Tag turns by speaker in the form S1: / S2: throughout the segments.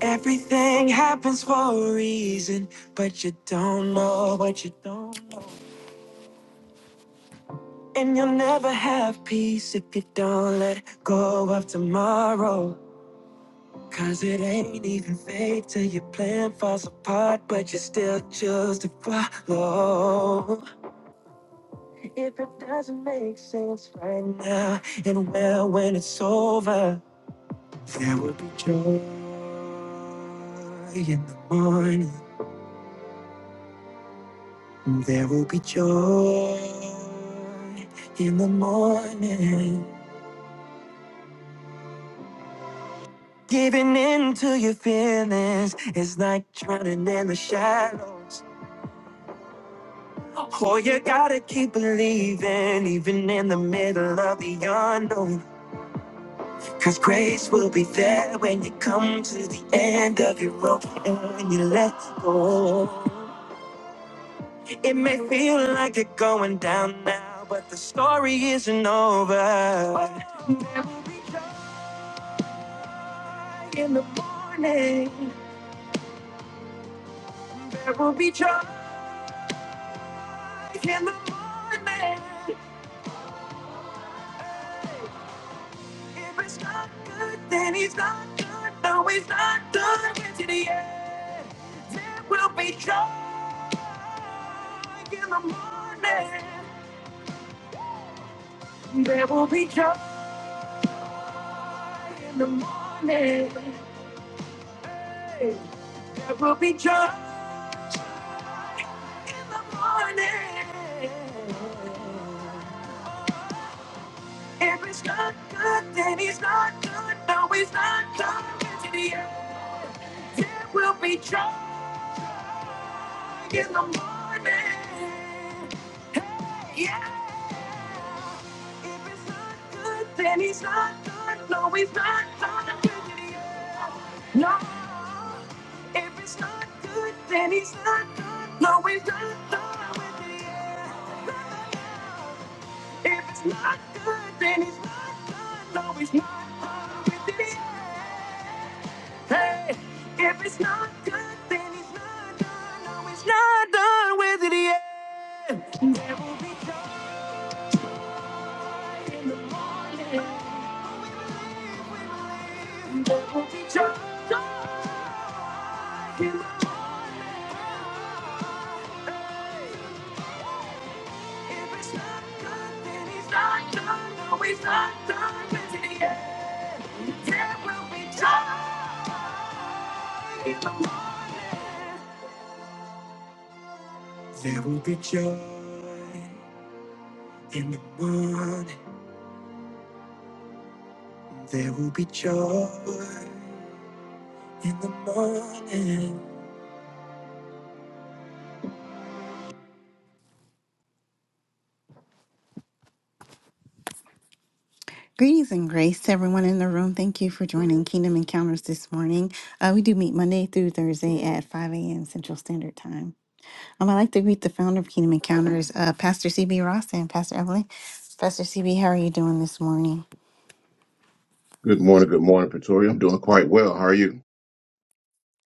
S1: Everything happens for a reason, but you don't know what you don't know. And you'll never have peace if you don't let go of tomorrow. Cause it ain't even fate till your plan falls apart, but you still choose to follow. If it doesn't make sense right now, and well, when it's over, there will be joy in the morning. There will be joy in the morning. Giving in to your feelings is like drowning in the shadows. Oh, you gotta keep believing, even in the middle of the unknown. Cause grace will be there when you come to the end of your rope and when you let go. It may feel like you're going down now, but the story isn't over. in the morning. There will be joy in the morning. Hey, If it's not good, then he's not good. No, he's not done with it yet. There will be joy in the morning. There will be joy in the morning. Hey, There will be joy in the morning. If it's not good, then he's not good. No, he's not done To the end, there will be joy in the morning. Yeah. If it's not good, then he's not good. No, he's not done To the end, No. If it's not good, then he's not good. No, he's not done To the end. If it's not good, then it's not good. No, it's not good. If it's, hey, if it's not good, then it's not done. No, it's not done with it yet. There will be joy, be joy. If it's not good, then it's not done. No, it's not done with it yet. Joy. There will be joy in the morning. There will be joy in the morning. Greetings and grace to everyone in the room. Thank you for joining Kingdom Encounters this morning. Uh, we do meet Monday through Thursday at 5 a.m. Central Standard Time. Um, I'd like to greet the founder of Kingdom Encounters, uh, Pastor CB Ross and Pastor Evelyn. Pastor CB, how are you doing this morning?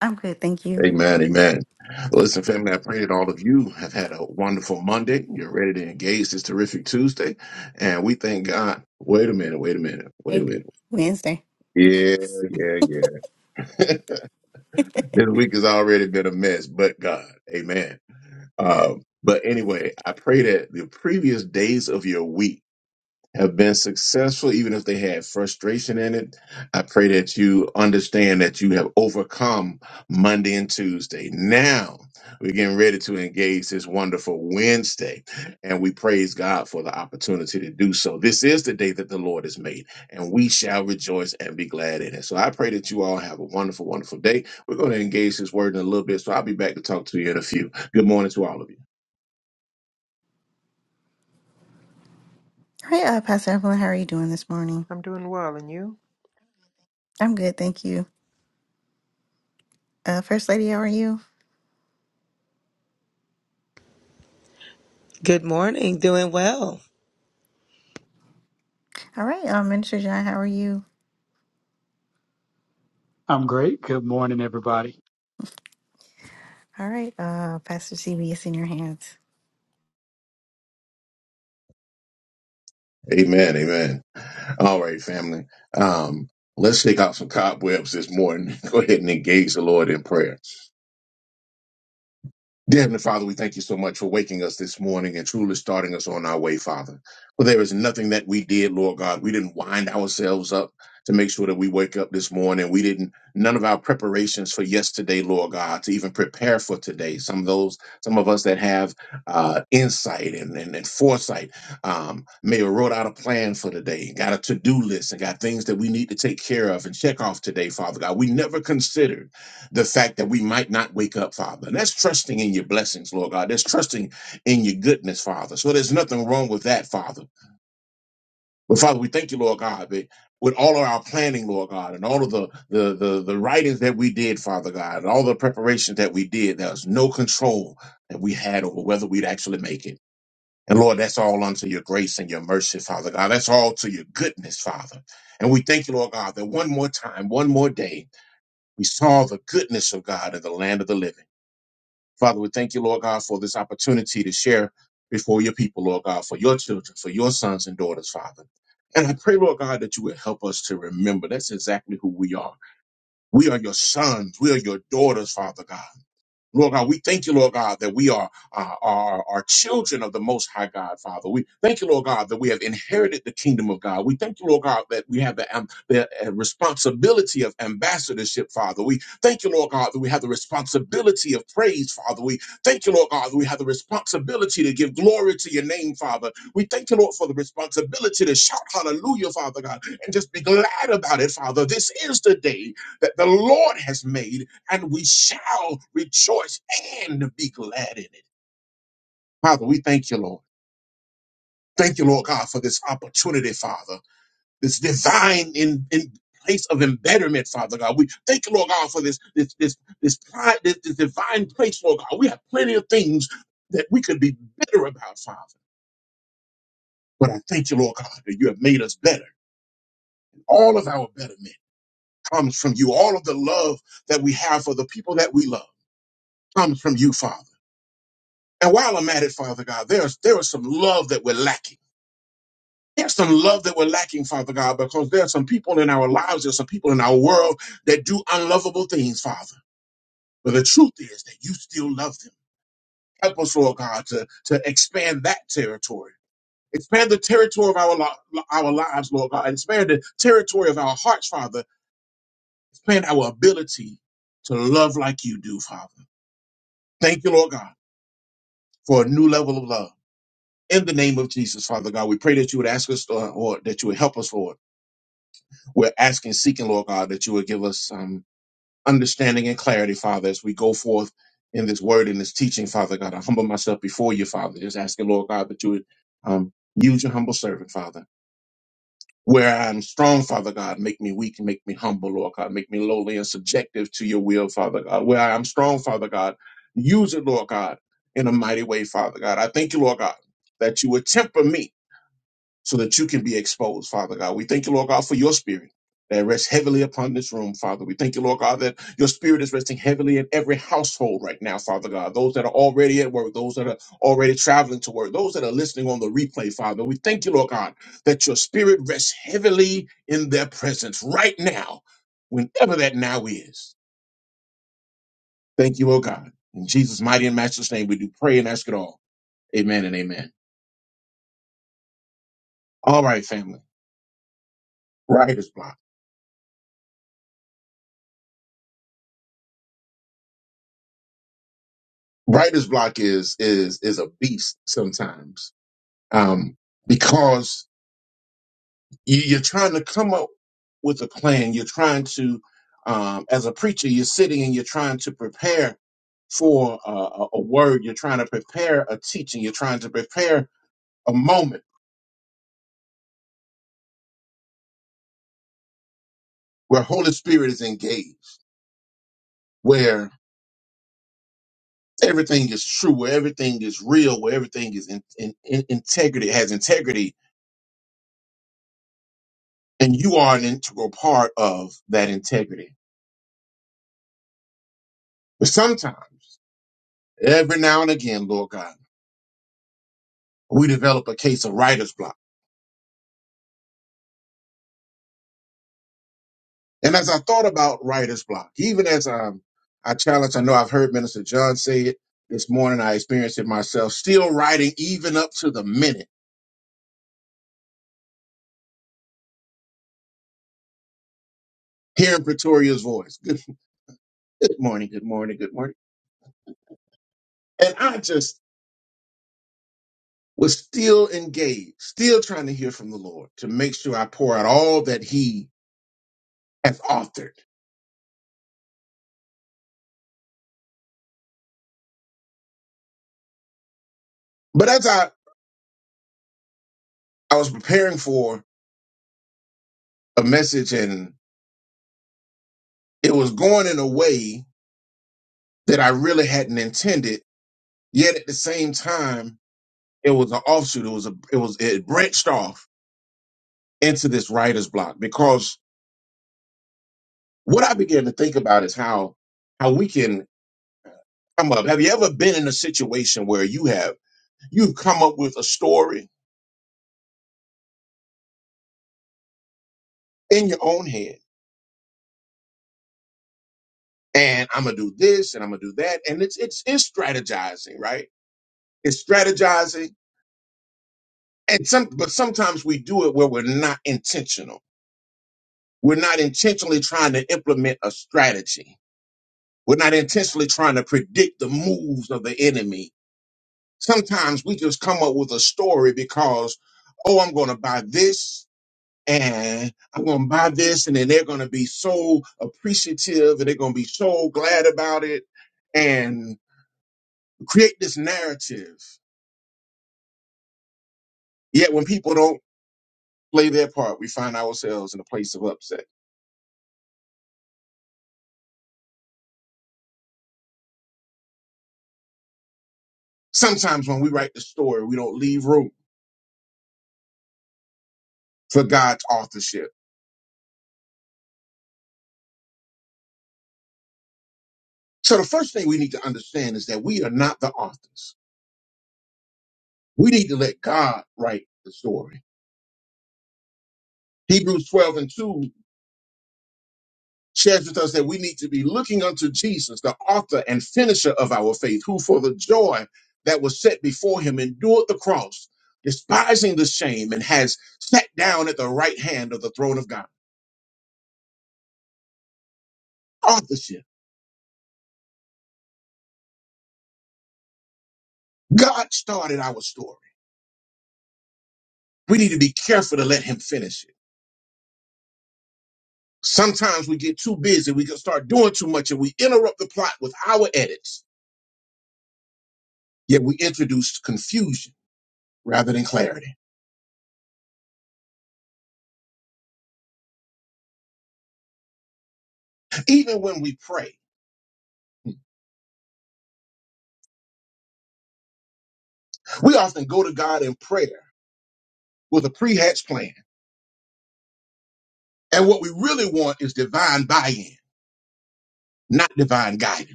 S1: I'm good, thank you. Hey, Wednesday. Hey, uh, Pastor Evelyn, how are you doing this morning?
S2: I'm doing well, and you?
S1: I'm good, thank you. Uh, First Lady, how are you?
S3: Good morning. Doing well.
S1: All right, uh, Minister John, how are you?
S4: I'm great. Good morning, everybody.
S1: All right, uh, Pastor CB, it's in your hands.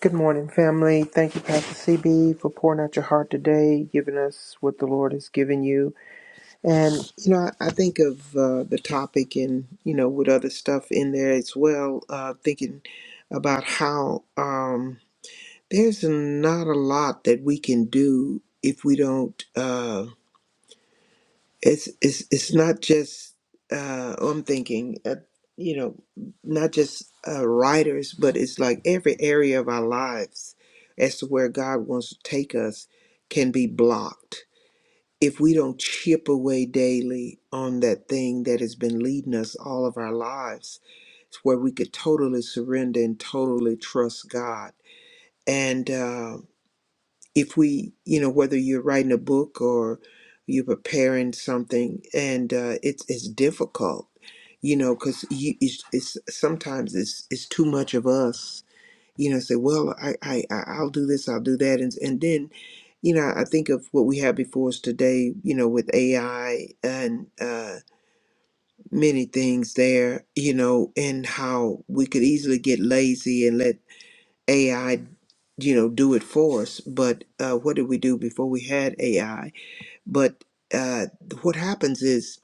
S2: Good morning, family. Thank you, Pastor CB, for pouring out your heart today, giving us what the Lord has given you. And, you know, I I think of uh, the topic and, you know, with other stuff in there as well, uh, thinking about how um, there's not a lot that we can do if we don't. Uh, it's it's it's not just uh oh, i'm thinking uh, you know not just uh writers but it's like every area of our lives as to where god wants to take us can be blocked if we don't chip away daily on that thing that has been leading us all of our lives it's where we could totally surrender and totally trust god and um, if we, you know, whether you're writing a book or you're preparing something, and uh, it's it's difficult, you know, because you it's, it's sometimes it's it's too much of us, you know. Say, well, I I I- I'll do this, I'll do that, and and then, you know, I think of what we have before us today, you know, with AI and uh, many things there, you know, and how we could easily get lazy and let AI, you know, do it for us. But uh, what did we do before we had AI? But uh, what happens is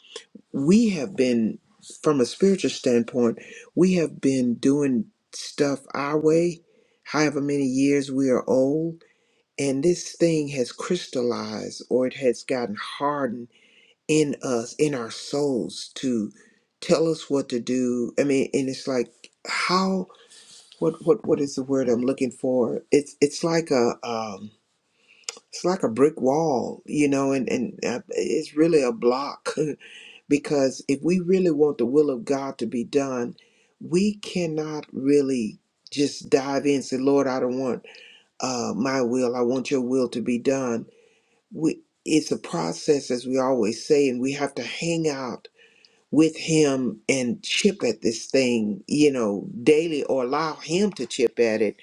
S2: we have been, from a spiritual standpoint, we have been doing stuff our way, however many years we are old. And this thing has crystallized or it has gotten hardened in us, in our souls, to tell us what to do. I mean, and it's like, how? what what what is the word I'm looking for? It's it's like a um it's like a brick wall, you know, and and uh, it's really a block because if we really want the will of God to be done, we cannot really just dive in and say, "Lord, I don't want uh my will. I want your will to be done." We it's a process as we always say and we have to hang out with him and chip at this thing, you know, daily or allow him to chip at it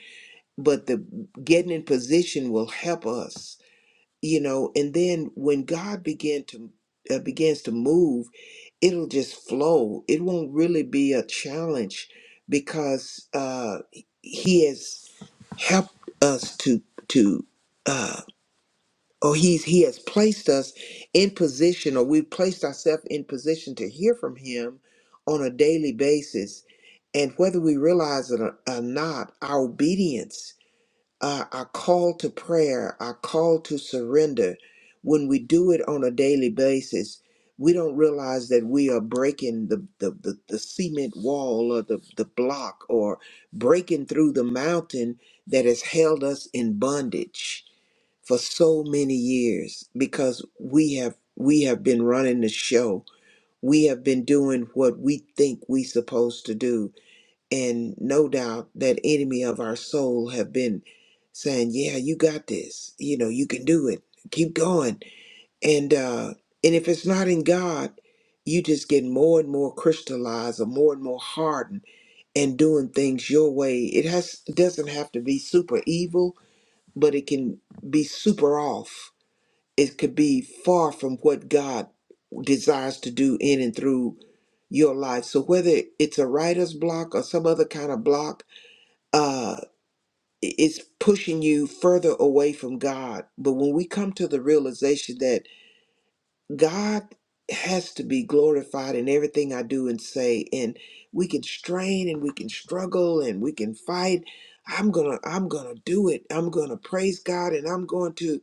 S2: but the getting in position will help us you know and then when god begin to uh, begins to move it'll just flow it won't really be a challenge because uh he has helped us to to uh or he's he has placed us in position or we've placed ourselves in position to hear from him on a daily basis and whether we realize it or or not our obedience uh, our call to prayer, our call to surrender, when we do it on a daily basis, we don't realize that we are breaking the, the, the, the cement wall or the, the block or breaking through the mountain that has held us in bondage for so many years because we have we have been running the show. We have been doing what we think we supposed to do and no doubt that enemy of our soul have been saying yeah you got this you know you can do it keep going and uh and if it's not in god you just get more and more crystallized or more and more hardened and doing things your way it has doesn't have to be super evil but it can be super off it could be far from what god desires to do in and through your life so whether it's a writer's block or some other kind of block uh it's pushing you further away from God. But when we come to the realization that God has to be glorified in everything I do and say and we can strain and we can struggle and we can fight I'm going to I'm going to do it I'm going to praise God and I'm going to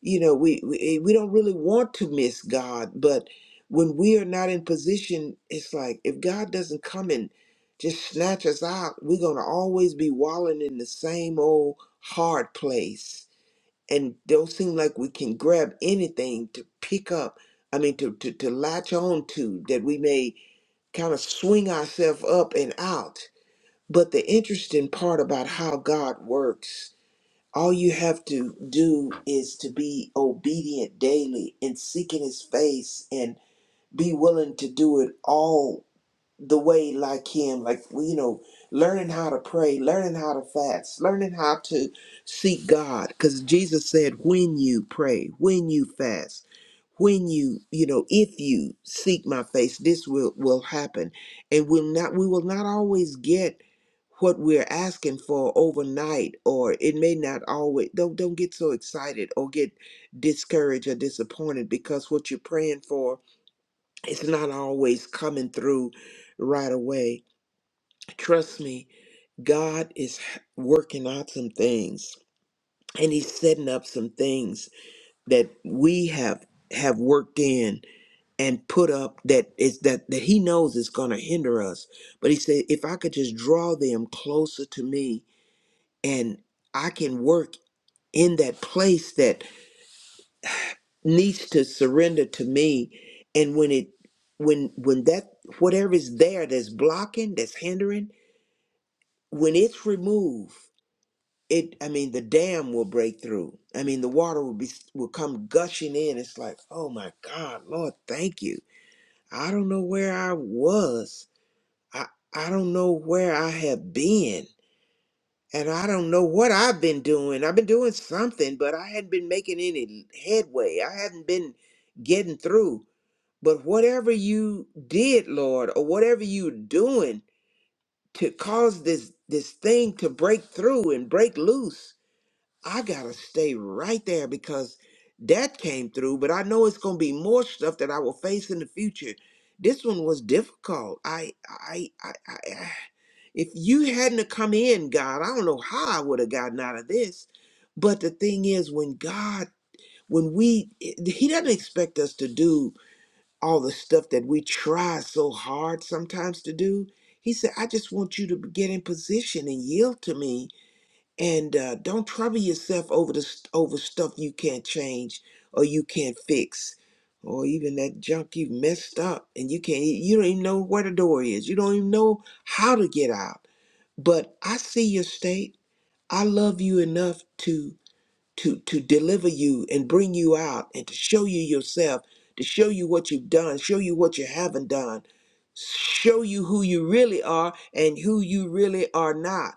S2: you know we, we eh, we don't really want to miss God but when we are not in position it's like if God doesn't come and just snatch us out we're going to always be wallowing in the same old hard place and don't seem like we can grab anything to pick up i mean to to, to latch on to that we may kind of swing ourselves up and out but the interesting part about how god works all you have to do is to be obedient daily and seeking his face and be willing to do it all the way like him like well, you know learning how to pray learning how to fast learning how to seek god because jesus said when you pray when you fast when you you know if you seek my face this will will happen and will not we will not always get what we're asking for overnight or it may not always don't don't get so excited or get discouraged or disappointed because what you're praying for it's not always coming through right away. Trust me, God is working out some things and he's setting up some things that we have have worked in and put up that is that that he knows is going to hinder us. But he said if I could just draw them closer to me and I can work in that place that needs to surrender to me and when it when when that whatever is there that's blocking that's hindering when it's removed it i mean the dam will break through i mean the water will be will come gushing in it's like oh my god lord thank you i don't know where i was i i don't know where i have been and i don't know what i've been doing i've been doing something but i hadn't been making any headway i hadn't been getting through But whatever you did, Lord, or whatever you are doing to cause this this thing to break through and break loose, I gotta stay right there because that came through. But I know it's gonna be more stuff that I will face in the future. This one was difficult. I, I, I, I I- if you hadn't have come in, God, I don't know how I would have gotten out of this. But the thing is, when God, when we, eh, He doesn't expect us to do all the stuff that we try so hard sometimes to do. He said, I just want you to get in position and yield to me and uh, don't trouble yourself over the st- over stuff you can't change or you can't fix or even that junk you've messed up and you can't you don't even know where the door is. You don't even know how to get out. But I see your state. I love you enough to to to deliver you and bring you out and to show you yourself to show you what you've done show you what you haven't done show you who you really are and who you really are not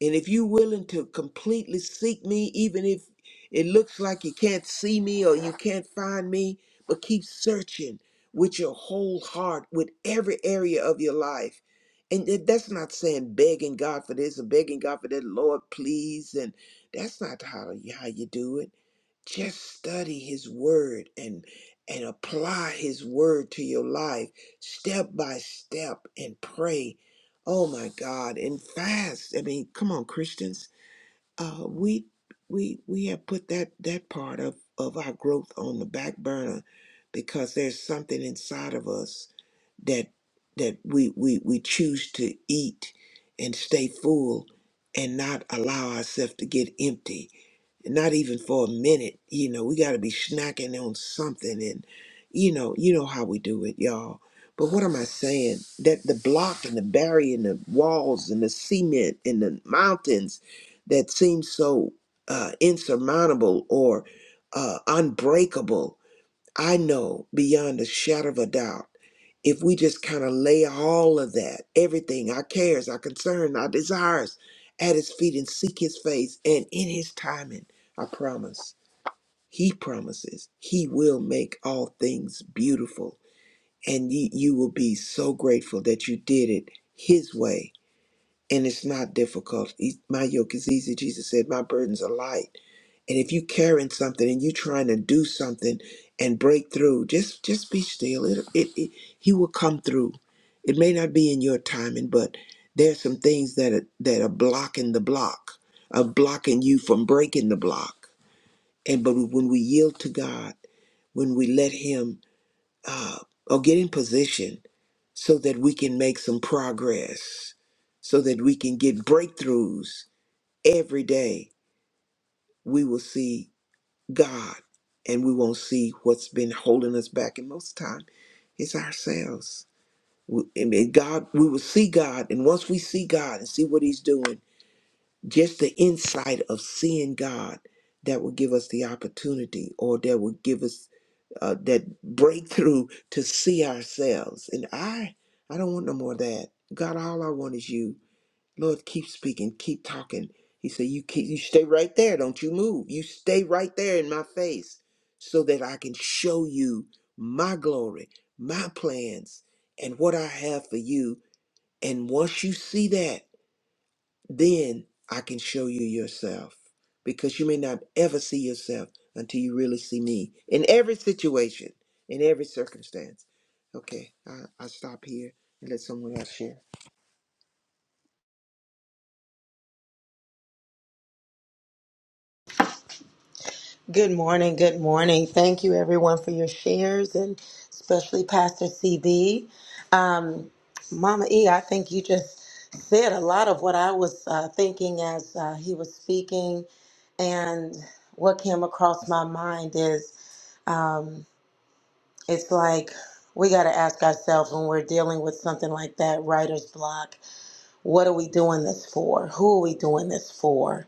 S2: and if you're willing to completely seek me, even if it looks like you can't see me or you can't find me, but keep searching with your whole heart, with every area of your life. And that- that's not saying begging God for this or begging God for that, Lord, please. And that's not how, how you do it just study his word and and apply his word to your life step by step and pray oh my god and fast i mean come on christians uh we we we have put that that part of of our growth on the back burner because there's something inside of us that that we we we choose to eat and stay full and not allow ourselves to get empty not even for a minute you know we got to be snacking on something and you know you know how we do it y'all but what am i saying that the block and the barrier and the walls and the cement and the mountains that seem so uh, insurmountable or uh, unbreakable I know beyond a shadow of a doubt, if we just kind of lay all of that, everything, our cares, our concern, our desires at his feet and seek his face and in his timing, I promise, he promises he will make all things beautiful. And you, you will be so grateful that you did it his way and it's not difficult. E- My yoke is easy, Jesus said. My burdens are light. And if you're carrying something and you're trying to do something and break through, just just be still. It, it, it he will come through. It may not be in your timing, but there's some things that are, that are blocking the block, are blocking you from breaking the block. And but when we yield to God, when we let Him uh, or get in position so that we can make some progress, so that we can get breakthroughs every day. We will see God and we won't see what's been holding us back. And most of the time, it's ourselves. We- I mean, God, we will see God. And once we see God and see what He's doing, just the insight of seeing God that will give us the opportunity or that will give us uh, that breakthrough to see ourselves. And I, I don't want no more of that. God, all I want is you. Lord, keep speaking, keep talking. He said, "You keep, you stay right there. Don't you move. You stay right there in my face, so that I can show you my glory, my plans, and what I have for you." And once you see that. Then I can show you yourself because you may not ever see yourself until you really see me in every situation, in every circumstance. Okay, I, I stop here and let someone else share.
S3: Good morning. Good morning. Thank you, everyone, for your shares, and especially Pastor CB. Um, Mama E, I think you just said a lot of what I was uh, thinking as uh, he was speaking, and what came across my mind is um, it's like we got to ask ourselves when we're dealing with something like that writer's block what are we doing this for who are we doing this for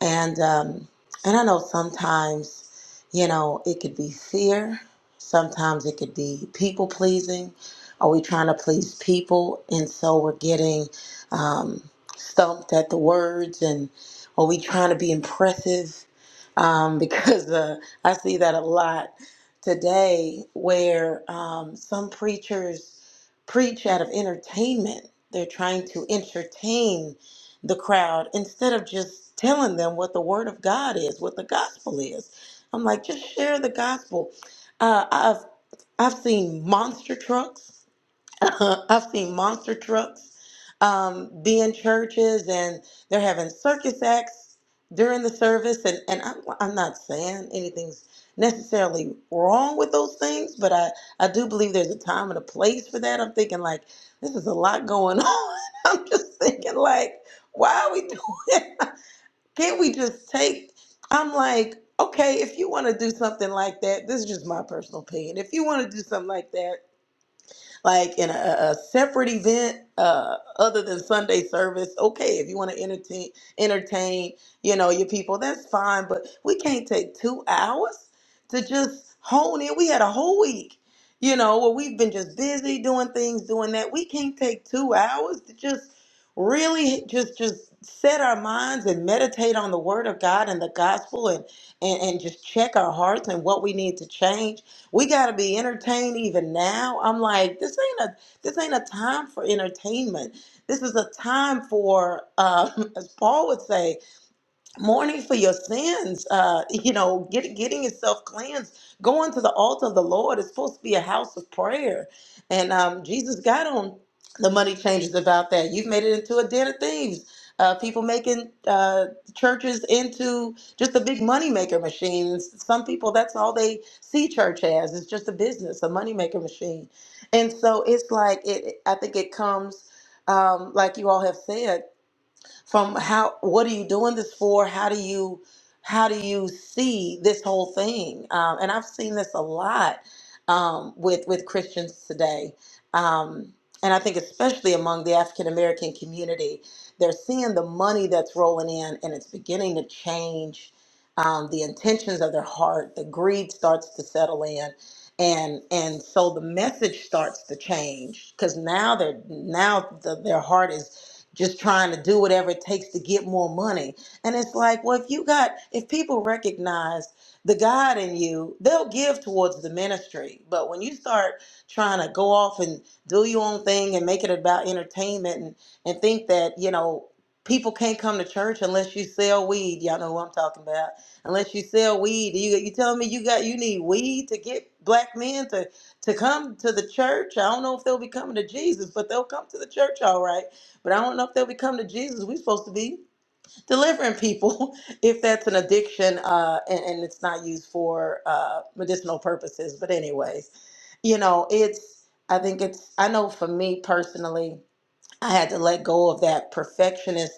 S3: And um, and I know sometimes, you know, it could be fear. Sometimes it could be people pleasing. Are we trying to please people, and so we're getting um, stumped at the words? And are we trying to be impressive? Um, because uh, I see that a lot today, where um, some preachers preach out of entertainment. They're trying to entertain the crowd instead of just telling them what the word of God is, what the gospel is. I'm like, just share the gospel. Uh, I've I've seen monster trucks I've seen monster trucks um, be in churches and they're having circus acts during the service. And, and I'm, I'm not saying anything's necessarily wrong with those things, but I, I do believe there's a time and a place for that. I'm thinking, like, this is a lot going on. I'm just thinking, like, why are we doing it? Can't we just take? I'm like, okay, if you want to do something like that, this is just my personal opinion. If you want to do something like that, like in a, a separate event uh, other than Sunday service. Okay, if you want to entertain, entertain, you know, your people, that's fine. But we can't take two hours to just hone in. We had a whole week, you know, where we've been just busy doing things, doing that. We can't take two hours to just really just just set our minds and meditate on the word of God and the gospel and and, and just check our hearts and what we need to change we gotta be entertained even now. I'm like, this ain't a this ain't a time for entertainment. This is a time for, uh, as Paul would say, mourning for your sins, uh, you know, get, getting yourself cleansed, going to the altar of the Lord is supposed to be a house of prayer. And um, Jesus got on the money changers about that. You've made it into a den of thieves. Uh, people making uh, churches into just a big moneymaker machine. Some people, that's all they see church as. It's just a business, a moneymaker machine. And so it's like, it. I think it comes, um, like you all have said, from how what are you doing this for how do you how do you see this whole thing um, and i've seen this a lot um, with with christians today um, and i think especially among the african american community they're seeing the money that's rolling in and it's beginning to change um, the intentions of their heart the greed starts to settle in and and so the message starts to change because now they're now the, their heart is just trying to do whatever it takes to get more money. And it's like, well, if you got, if people recognize the God in you, they'll give towards the ministry. But when you start trying to go off and do your own thing and make it about entertainment and, and think that, you know, people can't come to church unless you sell weed. Y'all know who I'm talking about. Unless you sell weed. You you telling me you got you need weed to get black men to to come to the church? I don't know if they'll be coming to Jesus, but they'll come to the church all right. But I don't know if they'll become the Jesus we're supposed to be delivering people if that's an addiction uh, and, and it's not used for uh, medicinal purposes. But, anyways, you know, it's, I think it's, I know for me personally, I had to let go of that perfectionist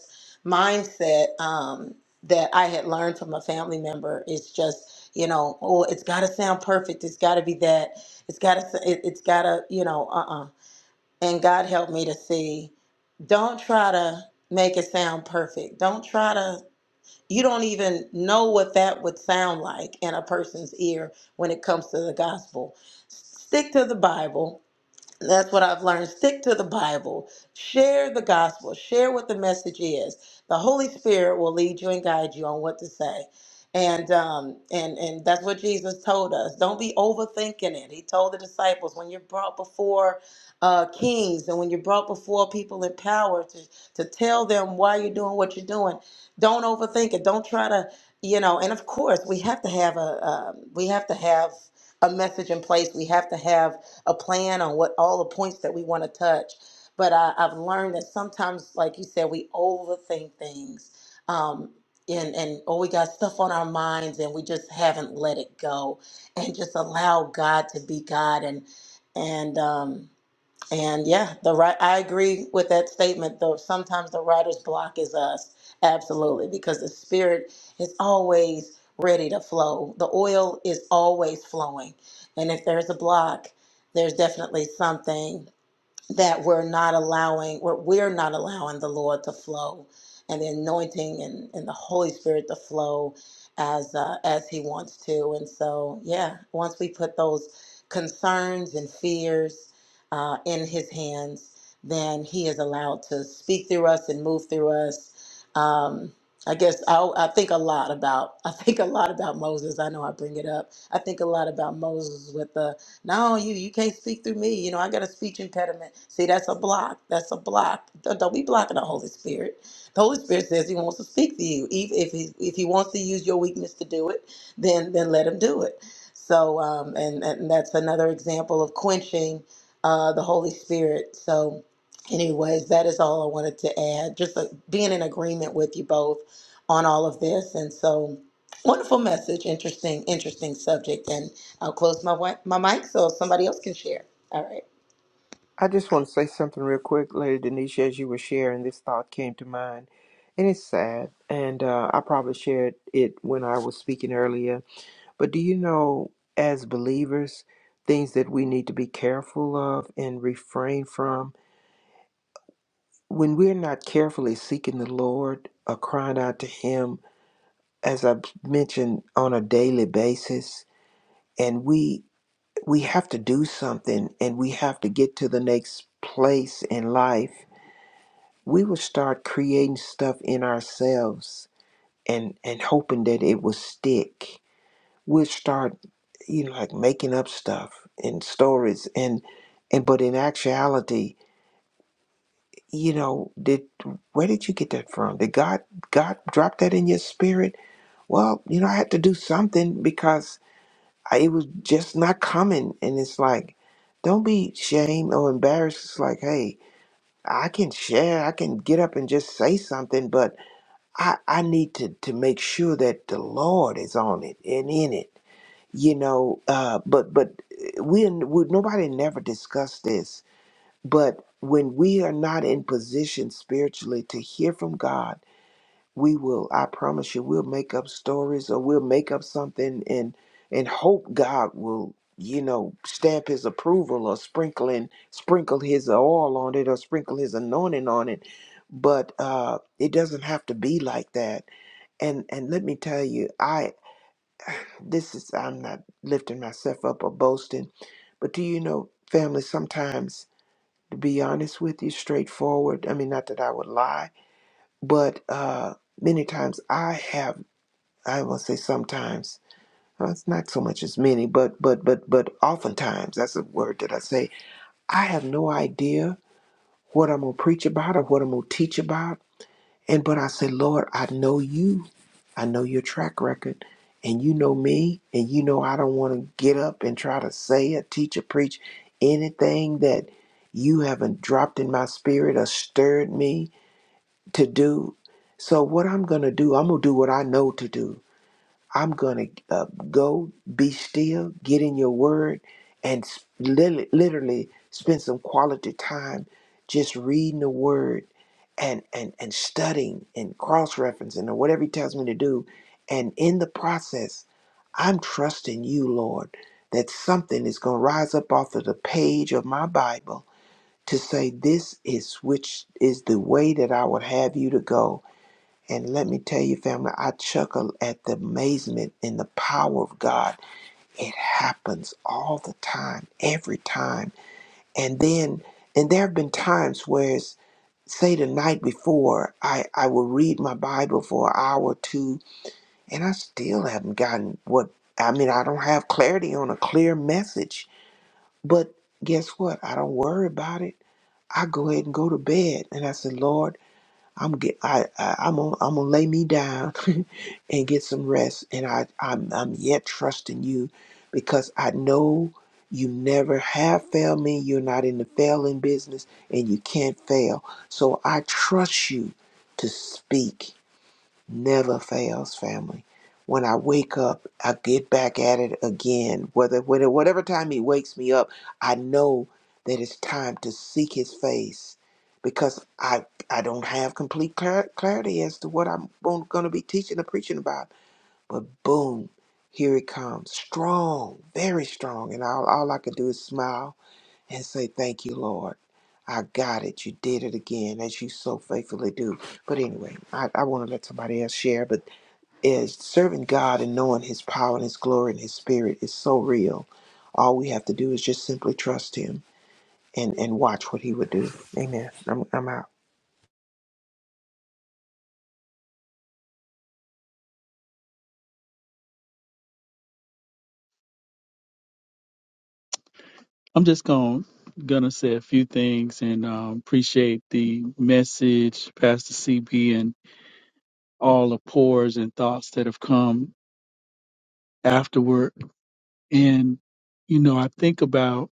S3: mindset um, that I had learned from a family member. It's just, you know, oh, it's got to sound perfect. It's got to be that. It's got to, it, it's got to, you know, uh uh and God helped me to see don't try to make it sound perfect. Don't try to you don't even know what that would sound like in a person's ear when it comes to the gospel. Stick to the Bible that's what I've learned. Stick to the Bible. Share the gospel. Share what the message is. The Holy Spirit will lead you and guide you on what to say. And um and and that's what Jesus told us. Don't be overthinking it. He told the disciples when you're brought before uh, kings and when you're brought before people in power to to tell them why you're doing what you're doing. Don't overthink it. Don't try to you know. And of course, we have to have a um, we have to have a message in place. We have to have a plan on what all the points that we want to touch. But I, I've learned that sometimes, like you said, we overthink things. Um, and, and oh, we got stuff on our minds and we just haven't let it go and just allow God to be God and and um and yeah, the right. I agree with that statement. Though sometimes the writer's block is us, absolutely, because the spirit is always ready to flow. The oil is always flowing, and if there's a block, there's definitely something that we're not allowing we're, we're not allowing the lord to flow and the anointing and, and the holy spirit to flow as uh, as he wants to and so yeah once we put those concerns and fears uh, in his hands then he is allowed to speak through us and move through us um, i guess I, I think a lot about i think a lot about moses i know i bring it up i think a lot about moses with the no, you you can't speak through me. You know, I got a speech impediment. See, that's a block. That's a block. Don't, don't be blocking the Holy Spirit. The Holy Spirit says He wants to speak to you. If if he if He wants to use your weakness to do it, then then let Him do it. So, um, and and that's another example of quenching uh, the Holy Spirit. So, anyways, that is all I wanted to add. Just uh, being in agreement with you both on all of this, and so. Wonderful message. Interesting, interesting subject. And I'll close my wi- my mic so somebody else can share. All right.
S2: I just want to say something real quick, Lady Denisha, as you were sharing, this thought came to mind. And it's sad. And uh, I probably shared it when I was speaking earlier. But do you know, as believers, things that we need to be careful of and refrain from? when we're not carefully seeking the Lord or crying out to Him, as I have mentioned, on a daily basis, and we we have to do something and we have to get to the next place in life, we will start creating stuff in ourselves and and hoping that it will stick. We'll start you know like making up stuff and stories and and but in actuality you know did where did you get that from did god god drop that in your spirit well you know i had to do something because I, it was just not coming and it's like don't be shamed or embarrassed it's like hey i can share i can get up and just say something but i i need to to make sure that the lord is on it and in it you know uh but but eh, we would nobody never discussed this but when we are not in position spiritually to hear from God, we will, I promise you, we'll make up stories or we'll make up something and and hope God will, you know, stamp his approval or sprinkle in, sprinkle his oil on it or sprinkle his anointing on it. But uh it doesn't have to be like that. And and let me tell you, I this is I'm not lifting myself up or boasting, but do you know, family, sometimes to be honest with you, straightforward. I mean, not that I would lie, but uh, many times I have, I will say sometimes, well, it's not so much as many, but but but but oftentimes that's a word that I say. I have no idea what I'm gonna preach about or what I'm gonna teach about and but I said, Lord, I know you. I know your track record. And you know me. And you know I don't want to get up and try to say or teach or preach anything that you haven't dropped in my spirit or stirred me to do. So what I'm gonna do, I'm gonna do what I know to do. I'm going to uh, go be still, get in your word, and s- lit- literally spend some quality time just reading the word and, and, and studying and cross referencing or whatever he tells me to do. And in the process, I'm trusting you, Lord, that something is going to rise up off of the page of my Bible to say, This is which is the way that I would have you to go and let me tell you, family, I chuckle at the amazement and the power of God. It happens all the time, every time. And then, and there have been times where, it's, say, the night before, I, I will read my Bible for an hour or two, and I still haven't gotten what, I mean, I don't have clarity on a clear message. But guess what? I don't worry about it. I go ahead and go to bed. And I said, Lord, I'm get I, I I'm gonna I'm gonna lay me down and get some rest. And I I'm I'm yet trusting you because I know you never have failed me. You're not in the failing business, and you can't fail. So I trust you to speak never fails, family. When I wake up, I get back at it again. Whether, whether whatever time he wakes me up, I know that it's time to seek his face because I I don't have complete clar- clarity as to what I'm going to be teaching or preaching about. But boom, here it comes, strong, very strong, and all all I can do is smile and say, Thank you, Lord. I got it. You did it again, as you so faithfully do. But anyway, I, I want to let somebody else share. But as serving God and knowing His power and His glory and His Spirit is so real. All we have to do is just simply trust Him and, and watch what He would do. Amen. I'm, I'm out.
S4: I'm just going gonna say a few things and um, appreciate the message, Pastor CB, and all the pores and thoughts that have come afterward. And you know, I think about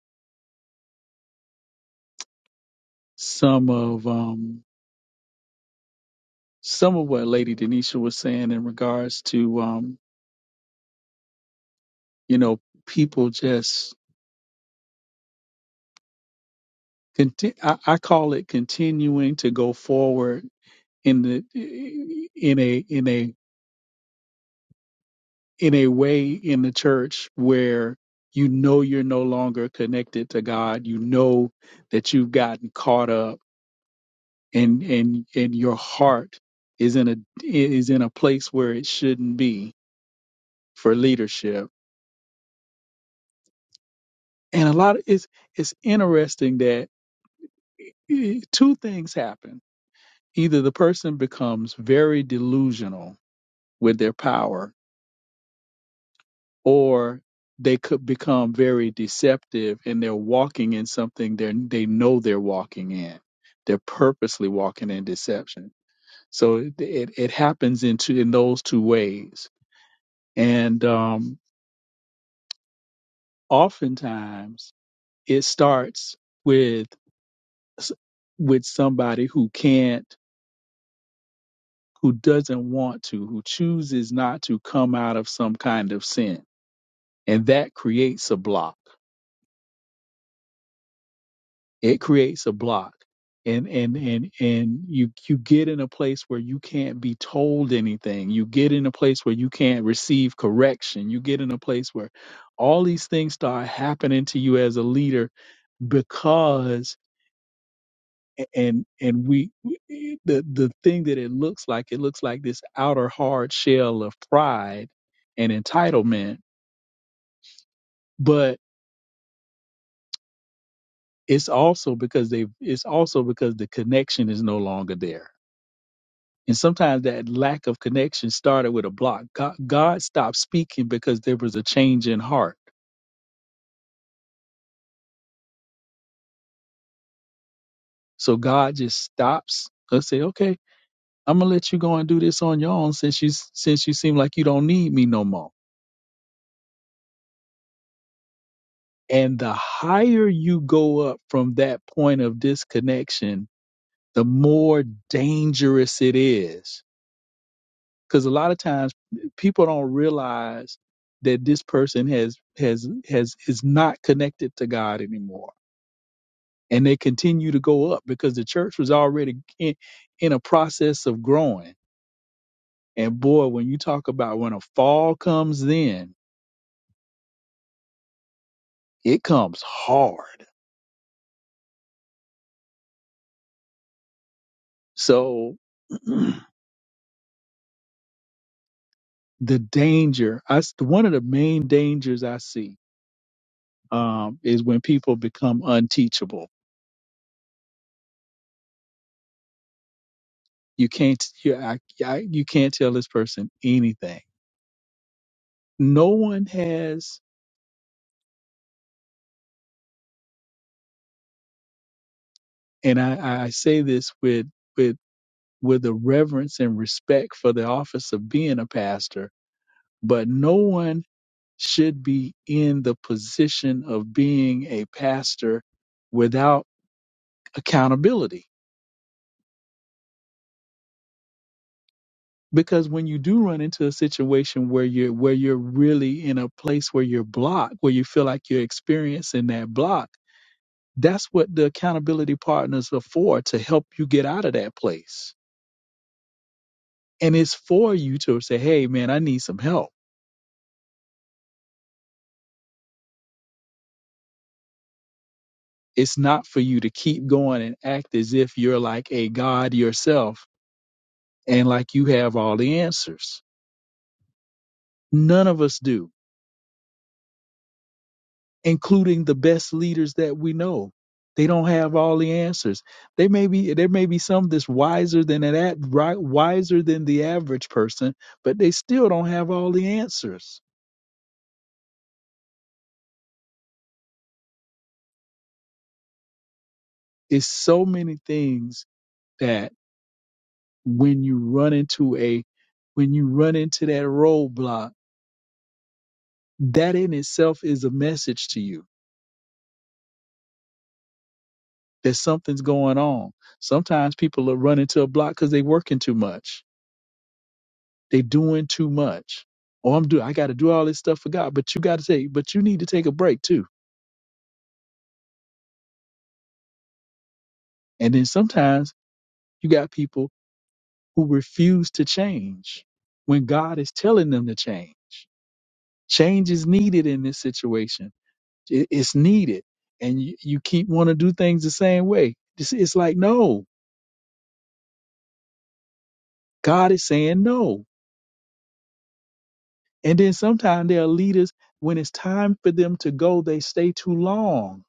S4: some of um, some of what Lady Denisha was saying in regards to um, you know people just conti- I, I call it continuing to go forward in the in a in a in a way in the church where you know you're no longer connected to God. You know that you've gotten caught up and and and your heart is in a is in a place where it shouldn't be for leadership. And a lot of it's it's interesting that eh, eh, two things happen. Either the person becomes very delusional with their power or they could become very deceptive and they're walking in something they they know they're walking in they're purposely walking in deception so it it, it happens in two, in those two ways and um oftentimes it starts with with somebody who can't who doesn't want to who chooses not to come out of some kind of sin and that creates a block It creates a block. And and and and you you get in a place where you can't be told anything. You get in a place where you can't receive correction. You get in a place where all these things start happening to you as a leader because and and we we- the the thing that it looks like it looks like this outer hard shell of pride and entitlement but it's also because they it's also because the connection is no longer there And sometimes that lack of connection started with a block. God, God stopped speaking because there was a change in heart. So God just stops and say, "Okay, I'm gonna let you go and do this on your own since you since you seem like you don't need me no more." And the higher you go up from that point of disconnection, the more dangerous it is. Because a lot of times people don't realize that this person has has has is not connected to God anymore and they continue to go up because the church was already in, in a process of growing. And boy, when you talk about when a fall comes in, it comes hard. So the danger, I, s- one of the main dangers I see um, is when people become unteachable. You can't, you, I, I, you can't tell this person anything. No one has, and I, I say this with with with a reverence and respect for the office of being a pastor, but no one should be in the position of being a pastor without accountability. Because when you do run into a situation where you're where you're really in a place where you're blocked, where you feel like you're experiencing that block, that's what the accountability partners are for to help you get out of that place. And it's for you to say, hey man, I need some help It's not for you to keep going and act as if you're like a God yourself and like you have all the answers. None of us do, including the best leaders that we know. They don't have all the answers. They may be there may be some that's wiser than that, right, wiser than the average person, but they still don't have all the answers. It's so many things that when you run into a when you run into that roadblock, that in itself is a message to you. that something's going on. Sometimes people are running to a block because they are working too much. They are doing too much. Oh, I'm doing. I got to do all this stuff for God. But you got to take. But you need to take a break too. And then sometimes you got people who refuse to change when God is telling them to change. Change is needed in this situation. It- It's needed, and you, you keep want to do things the same way. It's, it's like no. God is saying no And then sometimes there are leaders, when it's time for them to go, they stay too long.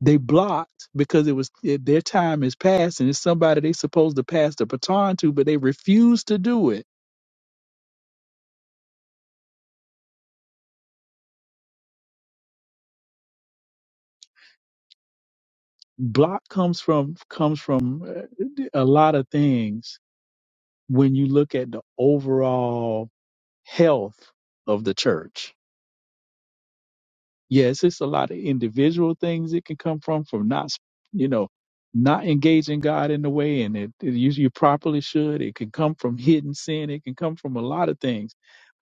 S4: They blocked because it was it, their time is passed and it's somebody they supposed to pass the baton to, but they refuse to do it. Block comes from comes from uh, a lot of things when you look at the overall health of the church yes, it's a lot of individual things it can come from from not, you know, not engaging God in the way and it, it you, you properly should. It can come from hidden sin. It can come from a lot of things.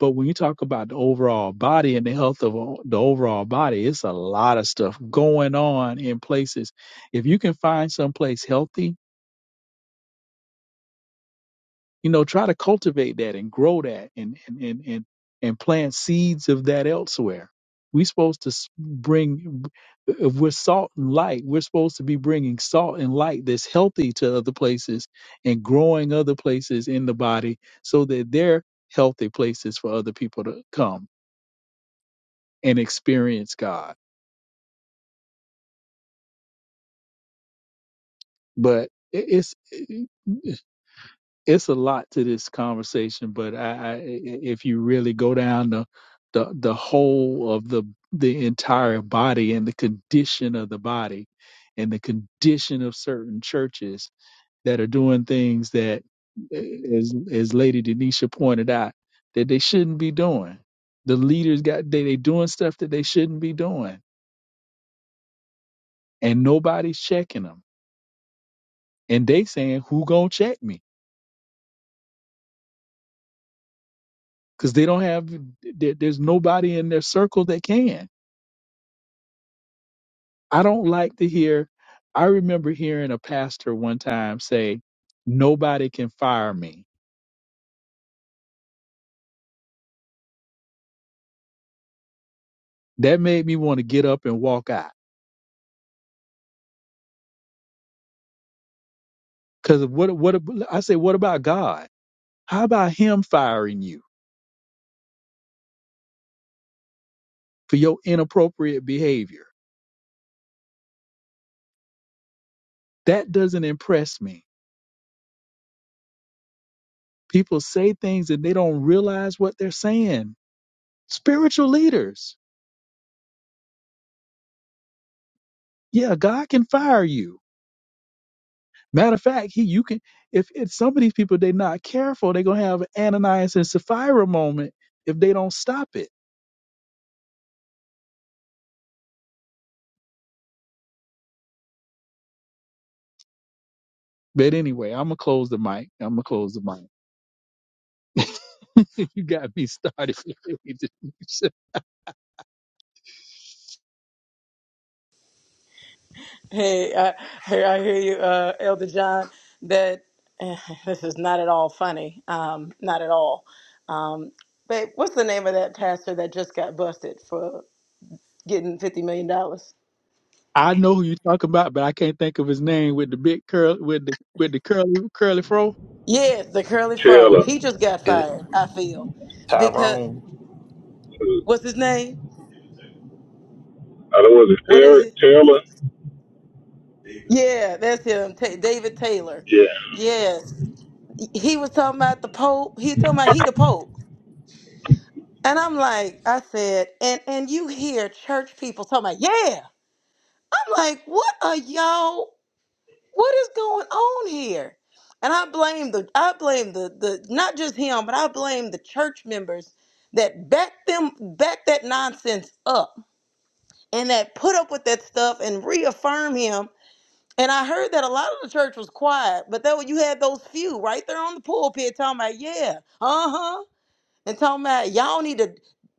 S4: But when you talk about the overall body and the health of o- the overall body, it's a lot of stuff going on in places. If you can find someplace healthy you know try to cultivate that and grow that and and and and, and plant seeds of that elsewhere we're supposed to s- bring if we're salt and light we're supposed to be bringing salt and light that's healthy to other places and growing other places in the body so that they're healthy places for other people to come and experience god but it- it's it's a lot to this conversation, but I, I if you really go down the the the whole of the the entire body and the condition of the body and the condition of certain churches that are doing things that eh, as as Lady Denisha pointed out that they shouldn't be doing. The leaders got they they doing stuff that they shouldn't be doing and nobody's checking them. And they saying who going to check me? Cuz they don't have there, there's nobody in their circle that can I don't like to hear. I remember hearing a pastor one time say, "Nobody can fire me." That made me want to get up and walk out. Because what? What? I say, what about God? How about Him firing you for your inappropriate behavior? That doesn't impress me. People say things and they don't realize what they're saying. Spiritual leaders, yeah, God can fire you Matter of fact, he you can if it's some of these people they're not careful, they're gonna have an Ananias and Sapphira moment if they don't stop it. But anyway, I'm gonna close the mic. I'm gonna close the mic. you got me started.
S3: Hey, I, hey, I hear you, uh, Elder John. That eh, this is not at all funny. Um, not at all. Um, babe, what's the name of that pastor that just got busted for getting fifty million dollars?
S4: I know who you're talking about, but I can't think of his name with the big curl with the with the curly curly fro.
S3: Yes, the curly fro.
S5: Taylor.
S3: He just got
S6: Is it
S3: fired. I feel because
S6: Tyrone?
S5: I
S3: what's his name?
S5: don't was it
S3: What is
S5: Taylor?
S3: it?
S5: Taylor?
S3: Yeah, that's him. Ta David Taylor.
S5: Yeah.
S3: Yes. he was talking about the Pope. He was talking about he the Pope. And I'm like, I said, and and you hear church people talking about, yeah. I'm like, what are y'all? What is going on here? And I blame the I blame the the not just him, but I blame the church members that back them back that nonsense up and that put up with that stuff and reaffirm him. And I heard that a lot of the church was quiet, but that when you had those few right there on the pulpit talking about, yeah, uh huh. and talking about y'all need to,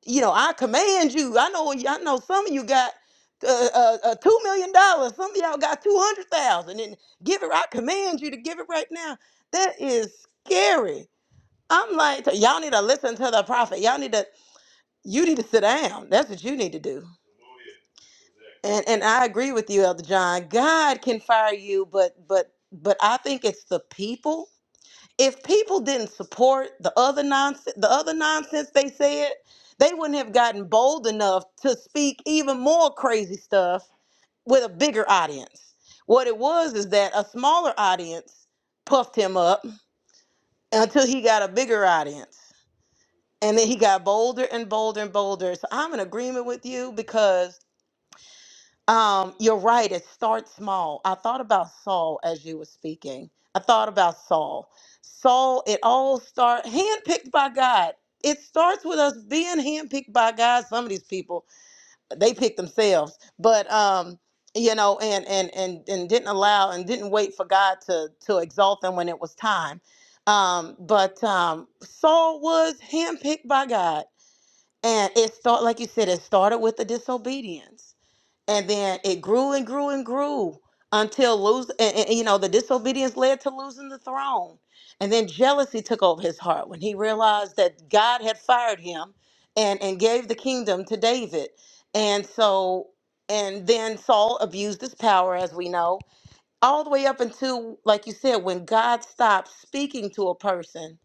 S3: you know, I command you. I know, I know some of you got uh, uh, uh, two million dollars. Some of y'all got two hundred thousand, and give it. I command you to give it right now. That is scary. I'm like, y'all need to listen to the prophet. Y'all need to, you need to sit down. That's what you need to do. And and I agree with you, Elder John. God can fire you, but but but I think it's the people if people didn't support the other nonsense the other nonsense they said they wouldn't have gotten bold enough to speak even more crazy stuff with a bigger audience what it was is that a smaller audience puffed him up until he got a bigger audience and then he got bolder and bolder and bolder so i'm in agreement with you because um, you're right. It starts small. I thought about Saul as you were speaking. I thought about Saul. Saul, it all starts handpicked by God. It starts with us being handpicked by God. Some of these people, they pick themselves, but um, you know, and and and and didn't allow and didn't wait for God to to exalt them when it was time. Um, but um, Saul was handpicked by God, and it start like you said, it started with the disobedience and then it grew and grew and grew until lose and, and, you know the disobedience led to losing the throne and then jealousy took over his heart when he realized that god had fired him and and gave the kingdom to david and so and then saul abused his power as we know all the way up until like you said when god stopped speaking to a person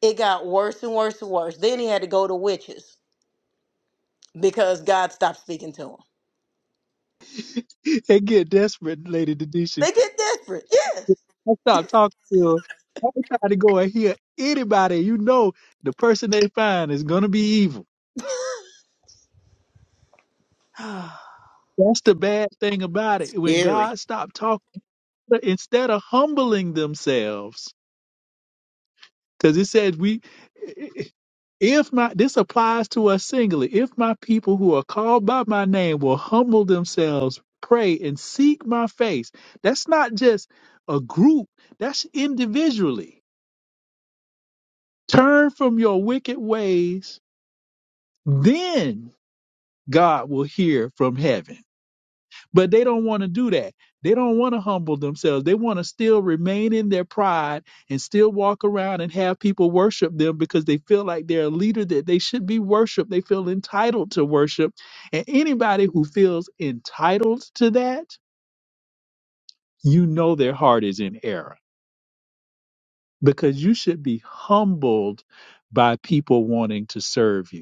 S3: it got worse and worse and worse then he had to go to witches because god stopped speaking to him
S4: they get desperate, Lady Denisha.
S3: they get desperate
S4: I
S3: yes
S4: stopped talking to her. I'm trying to go and hear anybody. You know, the person they find is gonna be evil. That's the bad thing about it. When
S2: Gary.
S4: God stopped talking, instead of humbling themselves, because it says we, if my this applies to us singly, if my people who are called by my name will humble themselves, pray and seek my face. That's not just a group. That's individually. Turn from your wicked ways, then God will hear from heaven. But they don't want to do that. They don't want to humble themselves. They want to still remain in their pride and still walk around and have people worship them because they feel like they're a leader that they should be worshiped. They feel entitled to worship. And anybody who feels entitled to that, you know their heart is in error because you should be humbled by people wanting to serve you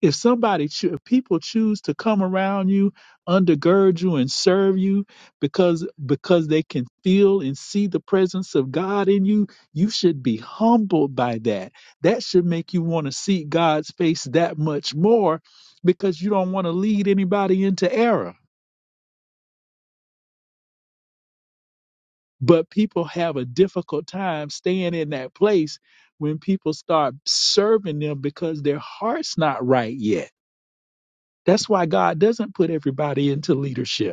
S4: if somebody cho- if people choose to come around you undergird you and serve you because because they can feel and see the presence of god in you you should be humbled by that that should make you want to seek god's face that much more because you don't want to lead anybody into error but people have a difficult time staying in that place when people start serving them because their heart's not right yet that's why god doesn't put everybody into leadership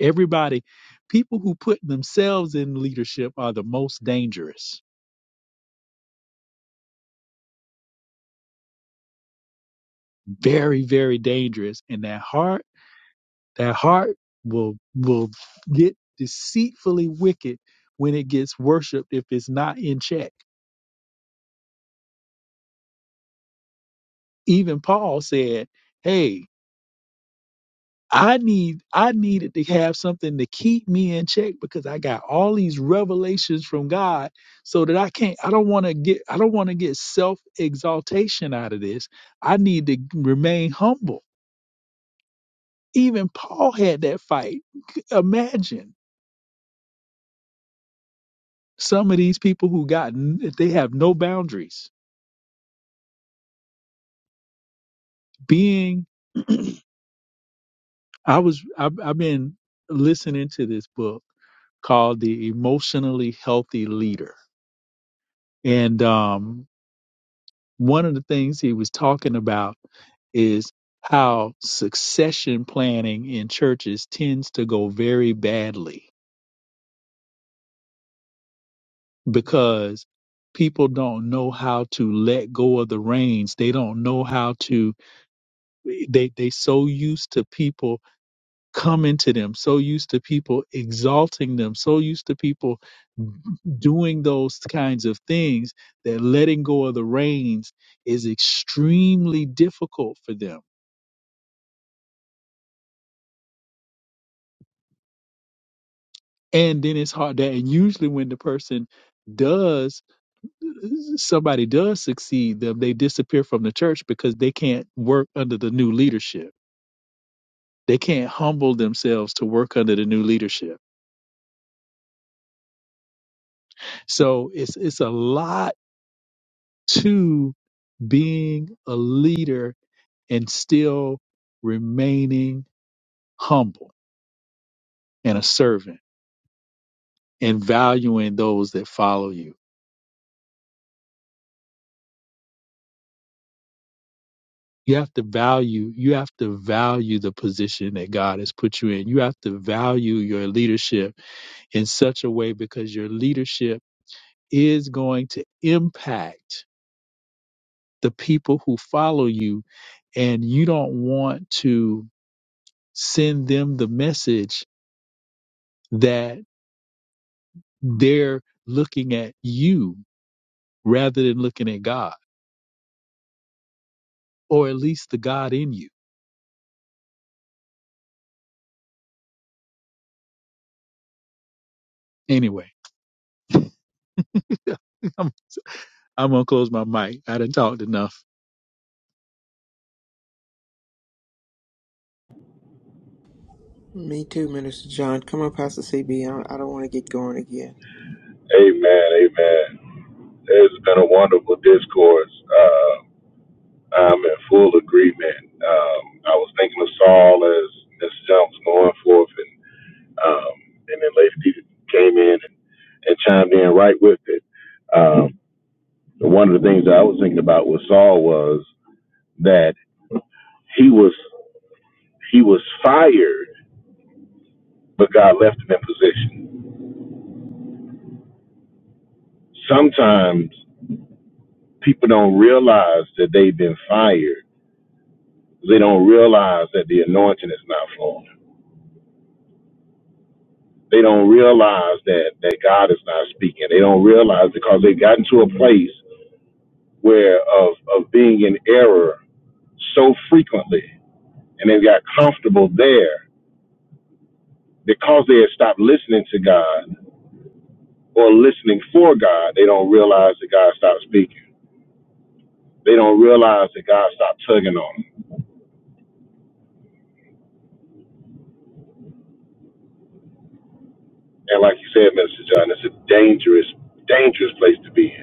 S4: Everybody, people who put themselves in leadership are the most dangerous. Very, very dangerous. And that heart, that heart will will get deceitfully wicked when it gets worshipped if it's not in check. Even Paul said, Hey, I need I needed to have something to keep me in check because I got all these revelations from God so that I can't I don't want to get I don't want to get self exaltation out of this. I need to remain humble. Even Paul had that fight. Imagine some of these people who got n- they have no boundaries. Being I was I've, I've been listening to this book called The Emotionally Healthy Leader. And um One of the things he was talking about is how succession planning in churches tends to go very badly because people don't know how to let go of the reins. They don't know how to they they so used to people coming to them, so used to people exalting them, so used to people doing those kinds of things that letting go of the reins is extremely difficult for them and then it's hard that and usually when the person does somebody does succeed them they disappear from the church because they can't work under the new leadership they can't humble themselves to work under the new leadership so it's it's a lot to being a leader and still remaining humble and a servant and valuing those that follow you You have to value, you have to value the position that God has put you in. You have to value your leadership in such a way because your leadership is going to impact the people who follow you and you don't want to send them the message that they're looking at you rather than looking at God, or at least the God in you. Anyway, I'm, I'm gonna close my mic. I didn't talked enough.
S2: Me too, Minister John. Come on, Pastor CB. I I don't want to get going again.
S5: Amen. Amen. It's been a wonderful discourse. Uh, I'm in full agreement. Um, I was thinking of Saul as Miss Jones going forth, and um, and then Lady D came in and, and chimed in right with it. Um, one of the things that I was thinking about with Saul was that he was he was fired, but God left him in position. Sometimes People don't realize that they've been fired. They don't realize that the anointing is not flowing. They don't realize that that God is not speaking. They don't realize because they've gotten to a place where of of being in error so frequently, and they've got comfortable there because they have stopped listening to God or listening for God. They don't realize that God stopped speaking. They don't realize that God stopped tugging on them. And like you said, Minister John, it's a dangerous, dangerous place to be in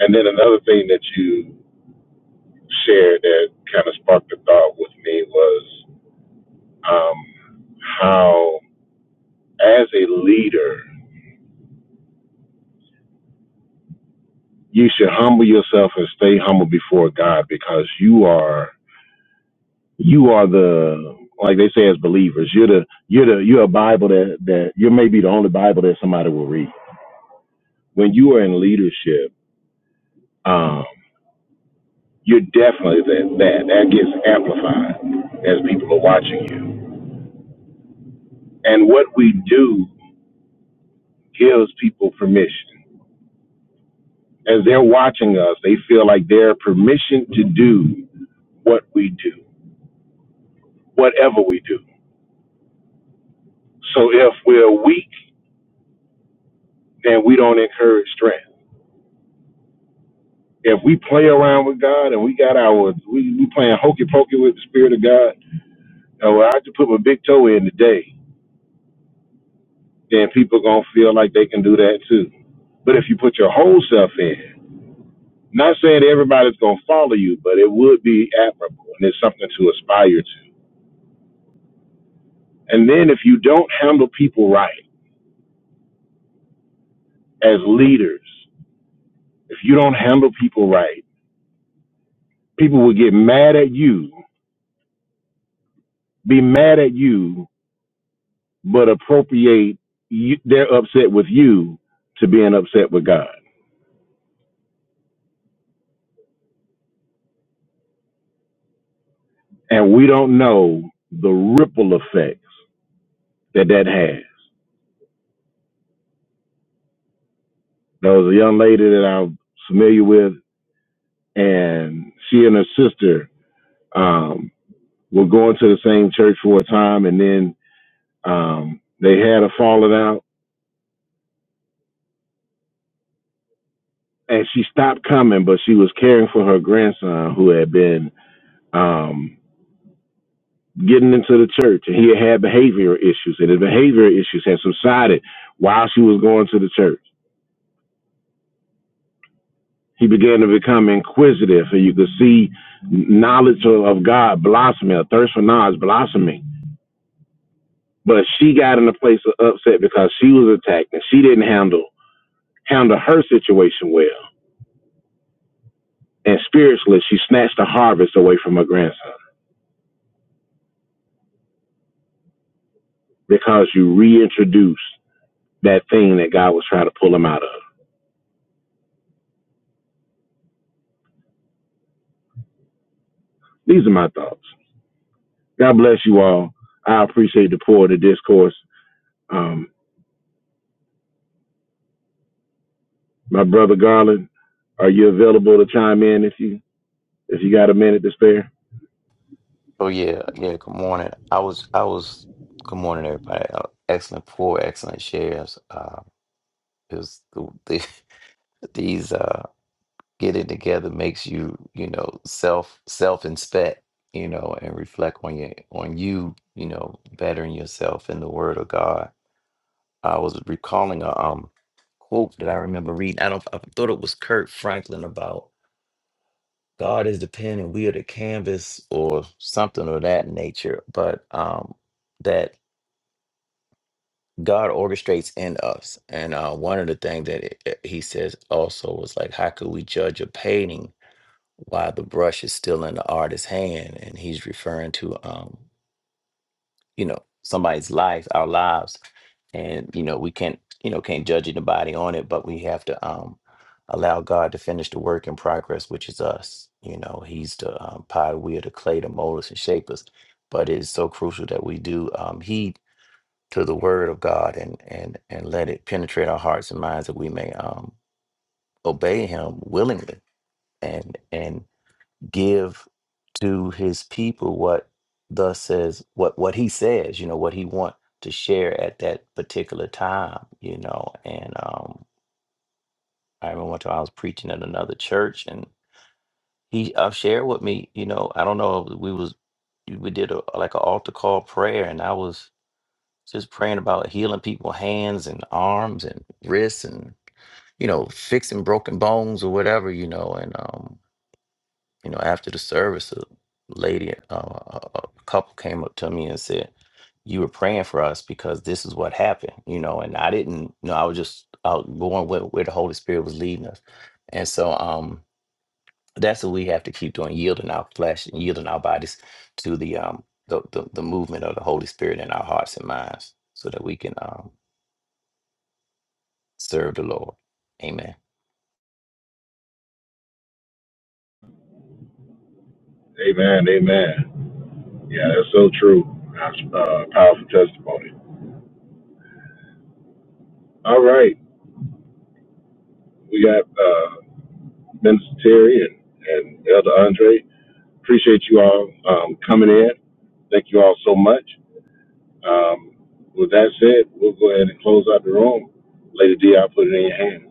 S5: And then another thing that you shared that kind of sparked a thought with me was um, how, as a leader, you should humble yourself and stay humble before God because you are you are the like they say as believers you're the you're the you're a Bible that that you may be the only Bible that somebody will read when you are in leadership. Um, you're definitely that that that gets amplified as people are watching you and what we do gives people permission. As they're watching us, they feel like they're permission to do what we do, whatever we do. So if we're weak, then we don't encourage strength. If we play around with God and we got our we, we playing hokey pokey with the spirit of God, and well, I have to put my big toe in today, then people gonna feel like they can do that too. But if you put your whole self in, not saying everybody's gonna follow you, but it would be admirable and it's something to aspire to And then if you don't handle people right as leaders, if you don't handle people right, people will get mad at you, be mad at you, but appropriate you, their upset with you to being upset with God. And we don't know the ripple effects that that has. There was a young lady that I'm familiar with, and she and her sister um, were going to the same church for a time, and then um, they had a falling out and she stopped coming, but she was caring for her grandson who had been um, getting into the church, and he had behavioral issues, and his behavioral issues had subsided while she was going to the church. He began to become inquisitive, and you could see knowledge of, God blossoming, a thirst for knowledge blossoming. But she got in a place of upset because she was attacked, and she didn't handle handle her situation well. And spiritually, she snatched the harvest away from her grandson because you reintroduced that thing that God was trying to pull him out of. These are my thoughts. God bless you all. I appreciate the pour of the discourse. Um, my brother Garland, are you available to chime in if you if you got a minute to spare?
S6: Oh yeah, yeah. Good morning. I was, I was. Good morning, everybody. Uh, excellent poor, excellent shares. Uh, it was the, the, these uh, getting together makes you, you know, self self inspect, you know, and reflect on your on you, you know, bettering yourself in the Word of God. I was recalling a um quote that I remember reading. I don't. I thought it was Kurt Franklin about God is the pen and we are the canvas or something of that nature, but um, that God orchestrates in us. And uh, one of the things that it, it- he says also was like, how could we judge a painting while the brush is still in the artist's hand? And he's referring to um, you know somebody's life our lives and you know we can't you know can't judge anybody on it but we have to um allow god to finish the work in progress which is us you know he's the um, pie we are the clay to mold us and shape us but it's so crucial that we do um heed to the word of god and and and let it penetrate our hearts and minds that we may um obey him willingly and and give to his people what thus says what what he says you know what he want to share at that particular time you know and um i remember one time i was preaching at another church and he uh, shared with me you know i don't know if we was we did a like an altar call prayer and i was just praying about healing people hands and arms and wrists and you know fixing broken bones or whatever you know and um you know, after the service, a lady, uh, a a couple came up to me and said, "You were praying for us because this is what happened," you know. And I didn't, you know, I was just out going where, where the Holy Spirit was leading us. And so, um, that's what we have to keep doing: yielding our flesh and yielding our bodies to the um the the, the movement of the Holy Spirit in our hearts and minds, so that we can um serve the Lord. Amen.
S5: Amen. Amen. Yeah, that's so true. That's uh, powerful testimony. All right. We got uh, Minister Terry and, and Elder Andre. Appreciate you all um, coming in. Thank you all so much. Um, with that said, we'll go ahead and close out the room. Lady D, I'll put it in your hands.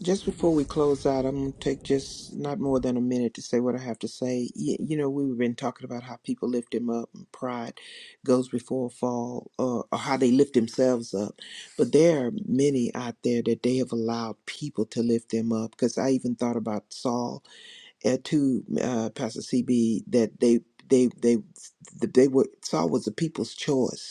S2: Just before we close out, I'm going to take just not more than a minute to say what I have to say. You, you know, we've been talking about how people lift him up and pride goes before a fall or, or how they lift themselves up. But there are many out there that they have allowed people to lift them up because I even thought about Saul uh, to uh, Pastor CB that they they they they were Saul was the people's choice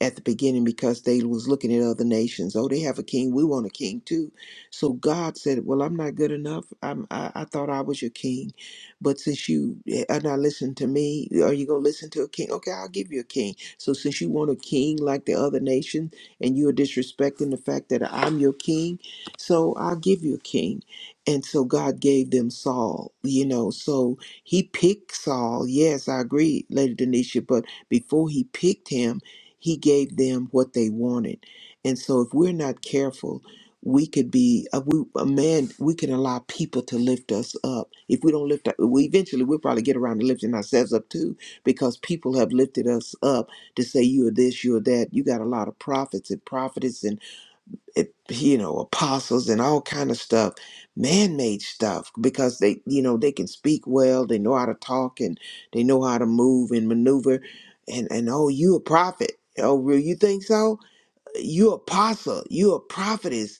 S2: at the beginning because they was looking at other nations. Oh, they have a king. We want a king too. So God said, "Well, I'm not good enough. I'm, I, I thought I was your king, but since you are not listening to me, are you gonna listen to a king? Okay, I'll give you a king. So since you want a king like the other nation, and you are disrespecting the fact that I'm your king, so I'll give you a king." And so God gave them Saul, you know. So he picked Saul. Yes, I agree, Lady Denisha. But before he picked him, he gave them what they wanted. And so if we're not careful, we could be a, we, a man, we can allow people to lift us up. If we don't lift up, we eventually we'll probably get around to lifting ourselves up too, because people have lifted us up to say you are this, you are that. You got a lot of prophets and prophetess it, you know apostles and all kind of stuff man-made stuff because they you know they can speak well they know how to talk and they know how to move and maneuver and and oh you a prophet oh really you think so you apostle you a prophetess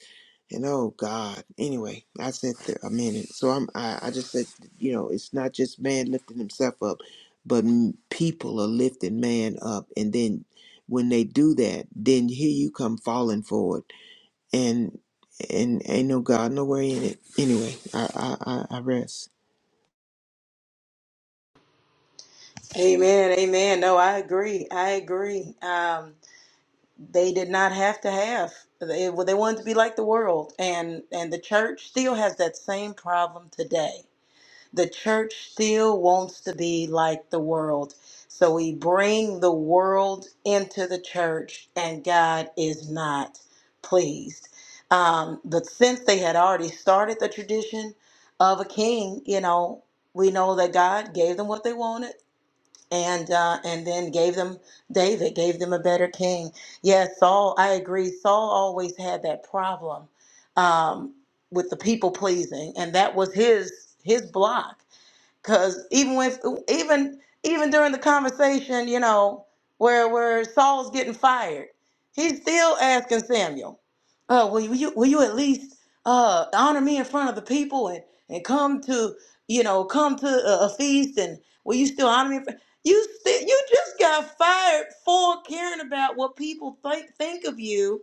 S2: and oh god anyway i said th- a minute so i'm I, I just said you know it's not just man lifting himself up but m- people are lifting man up and then when they do that then here you come falling for it and and ain't no God nowhere in it. Anyway, I I, I I rest.
S3: Amen. Amen. No, I agree. I agree. Um, they did not have to have. They, well, they wanted to be like the world, and and the church still has that same problem today. The church still wants to be like the world, so we bring the world into the church, and God is not pleased. Um, but since they had already started the tradition of a king, you know, we know that God gave them what they wanted and uh, and then gave them David, gave them a better king. Yeah, Saul. I agree. Saul always had that problem um, with the people pleasing, and that was his his block. Cause even with even even during the conversation, you know, where where Saul's getting fired, he's still asking Samuel, uh, will you will you at least uh honor me in front of the people and and come to you know come to a, a feast and will you still honor me? in fr- You sti- you just got fired for caring about what people think think of you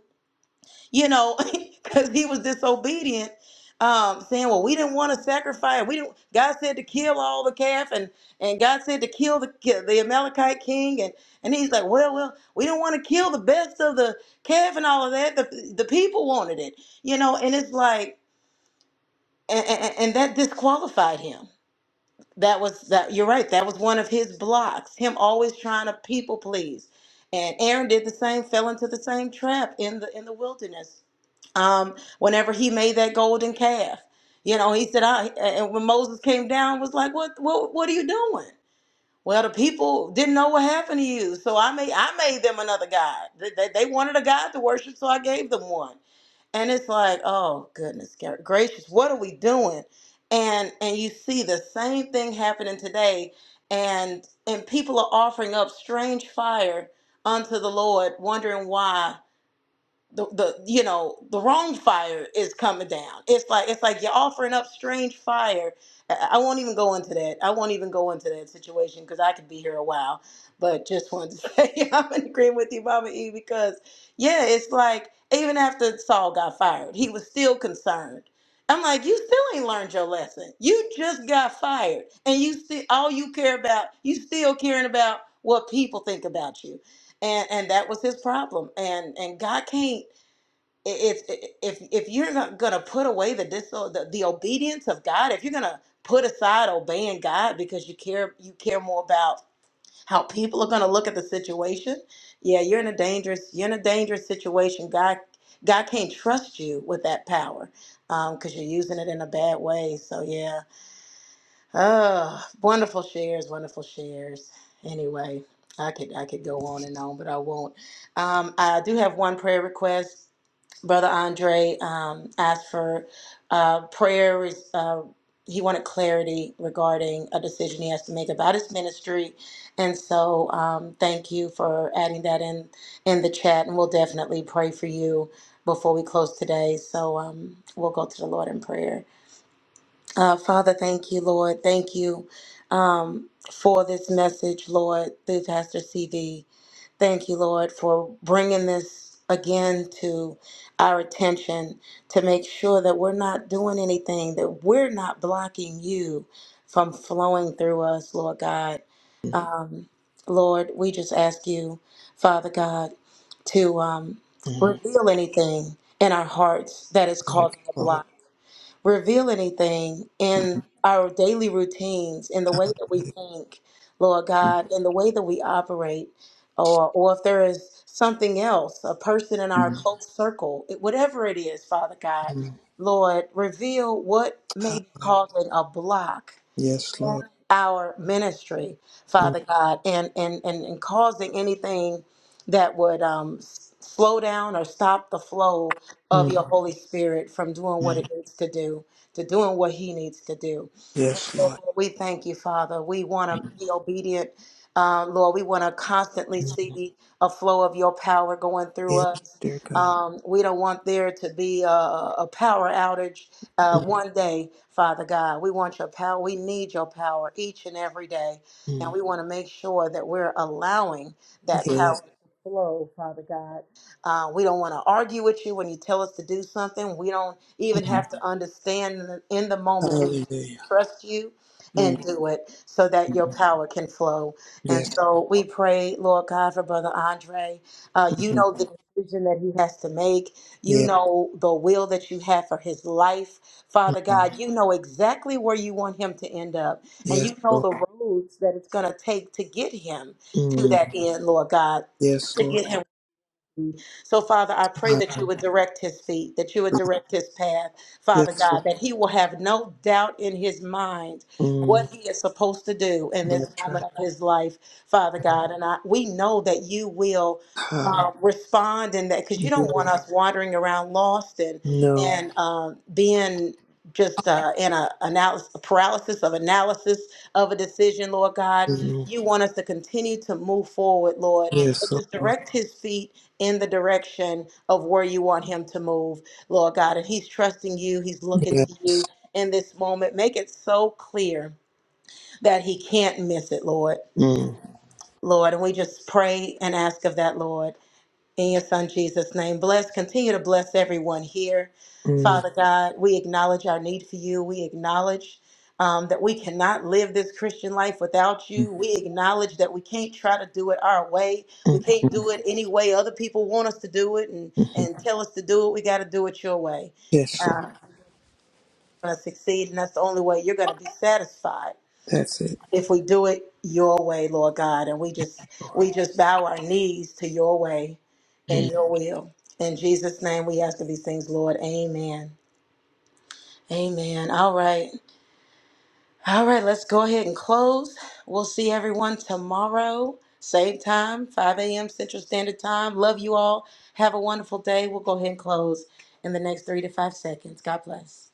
S3: you know, because he was disobedient, um, saying, "Well, we didn't want to sacrifice. We didn't." God said to kill all the calf, and and God said to kill the ki- the Amalekite king, and and he's like, "Well, well, we didn't want to kill the best of the calf and all of that. The the people wanted it, you know." And it's like, and, and, and that disqualified him. That was that. You're right. That was one of his blocks. Him always trying to people please. And Aaron did the same, fell into the same trap in the in the wilderness um, whenever he made that golden calf. You know, he said, I, and when Moses came down, was like, what, what, what are you doing? Well, the people didn't know what happened to you. So I made, I made them another God. They, they, they wanted a God to worship. So I gave them one. And it's like, oh goodness gra- gracious, what are we doing? And, and you see the same thing happening today. And, and people are offering up strange fire unto the Lord, wondering why the, the you know the wrong fire is coming down it's like it's like you're offering up strange fire i I won't even go into that i won't even go into that situation because i could be here a while but just wanted to say yeah, i'm in agreement with you mama e because yeah it's like even after saul got fired he was still concerned i'm like you still ain't learned your lesson you just got fired and you see all you care about you still caring about what people think about you and and that was his problem and and god can't if if if you're not gonna put away the dis uh, the, the obedience of God, if you're gonna put aside obeying God because you care you care more about how people are gonna look at the situation, yeah, you're in a dangerous you're in a dangerous situation. God God can't trust you with that power um, because you're using it in a bad way. So yeah, oh, wonderful shares, wonderful shares. Anyway, I could I could go on and on, but I won't. Um, I do have one prayer request Brother Andre um, asked for uh, prayer. Uh, he wanted clarity regarding a decision he has to make about his ministry, and so um, thank you for adding that in in the chat. And we'll definitely pray for you before we close today. So um, we'll go to the Lord in prayer. Uh, Father, thank you, Lord. Thank you um, for this message, Lord, through Pastor CD. Thank you, Lord, for bringing this again to our attention to make sure that we're not doing anything, that we're not blocking you from flowing through us, Lord God. Um, Lord, we just ask you, Father God, to um,
S2: Mhm.
S3: reveal anything in our hearts that is
S2: Yes,
S3: causing a
S2: Lord.
S3: block reveal anything in our daily routines, in the way that we think, Lord
S2: Mhm.
S3: God, in the way that we operate, or, or if there is something else, a person in our close circle, it- whatever it is, Father God,
S2: Mhm.
S3: Lord, reveal what may be
S2: Hallelujah.
S3: causing a block
S2: Yes, Lord.
S3: our ministry, Father God, and and and, and causing anything that would um, s- slow down or stop the flow of
S2: Mhm.
S3: your Holy Spirit from doing what
S2: Mhm.
S3: it needs to do, to doing what He needs to do. And
S2: Yes,
S3: so,
S2: Lord.
S3: Lord, we thank you, Father. We want to be obedient. Uh, Lord, we want to constantly
S2: Mhm.
S3: see a flow of your power going through
S2: Yes,
S3: us.
S2: dear God.
S3: Um, we don't want there to be a, a power outage uh, one day, Father God. We want your power. We need your power each and every day. And
S2: Mhm.
S3: we want to make sure that we're allowing that
S2: Yes.
S3: power to flow, Father God. Uh, we don't want to argue with you when you tell us to do something. We don't even
S2: Mhm.
S3: have to understand in the, in the moment. We just need to
S2: Hallelujah.
S3: trust you
S2: Mhm.
S3: and do it so that your power can flow. And
S2: Yes.
S3: so we pray, Lord God, for Brother Andre. Uh, you
S2: Mhm.
S3: know the decision that he has to make. You
S2: Yes.
S3: know the will that you have for his life. Father
S2: Mhm.
S3: God, you know exactly where you want him to end up, and
S2: Yes,
S3: you know
S2: Lord.
S3: the roads that it's going to take to get him to
S2: Mhm.
S3: that end, Lord God,
S2: Yes,
S3: to
S2: Lord.
S3: get him. So, Father, I pray
S2: Hallelujah.
S3: that you would direct his feet, that you would direct his path,
S2: Yes,
S3: Father
S2: Lord.
S3: God, that he will have no doubt in his mind
S2: Mm,
S3: what he is supposed to do in this
S2: that's right.
S3: moment of his life, Father God. And I, we know that you will uh, respond in that because you don't want
S2: Hallelujah.
S3: us wandering around lost and
S2: No.
S3: and um, being just uh, in a analysis, a paralysis of analysis of a decision, Lord God.
S2: Mm,
S3: You want us to continue to move forward, Lord, and
S2: yes,
S3: just
S2: Lord.
S3: direct his feet in the direction of where you want him to move, Lord God. And he's trusting you, he's looking
S2: Yeah.
S3: to you in this moment. Make it so clear that he can't miss it, Lord.
S2: Mm,
S3: Lord, and we just pray and ask of that, Lord. In your son Jesus' name, bless, continue to bless everyone here.
S2: mm,
S3: Father God, we acknowledge our need for you. We acknowledge um, that we cannot live this Christian life without
S2: mm,
S3: you. We acknowledge that we can't try to do it our way. We
S2: mm,
S3: can't do it any way other people want us to do it and,
S2: mm.
S3: and tell us to do it. We got to do it your way.
S2: Yes, Lord.
S3: Uh, going to succeed, and that's the only way you're going to be satisfied
S2: That's it,
S3: if we do it your way, Lord God, and we just
S2: Lord.
S3: we just bow our knees to your way
S2: Mm-hmm.
S3: and your will. In Jesus' name we ask of these things, Lord. Amen. Amen. All right. All right, let's go ahead and close. We'll see everyone tomorrow. Same time, 5 a.m. Central Standard Time. Love you all. Have a wonderful day. We'll go ahead and close in the next three to five seconds. God bless.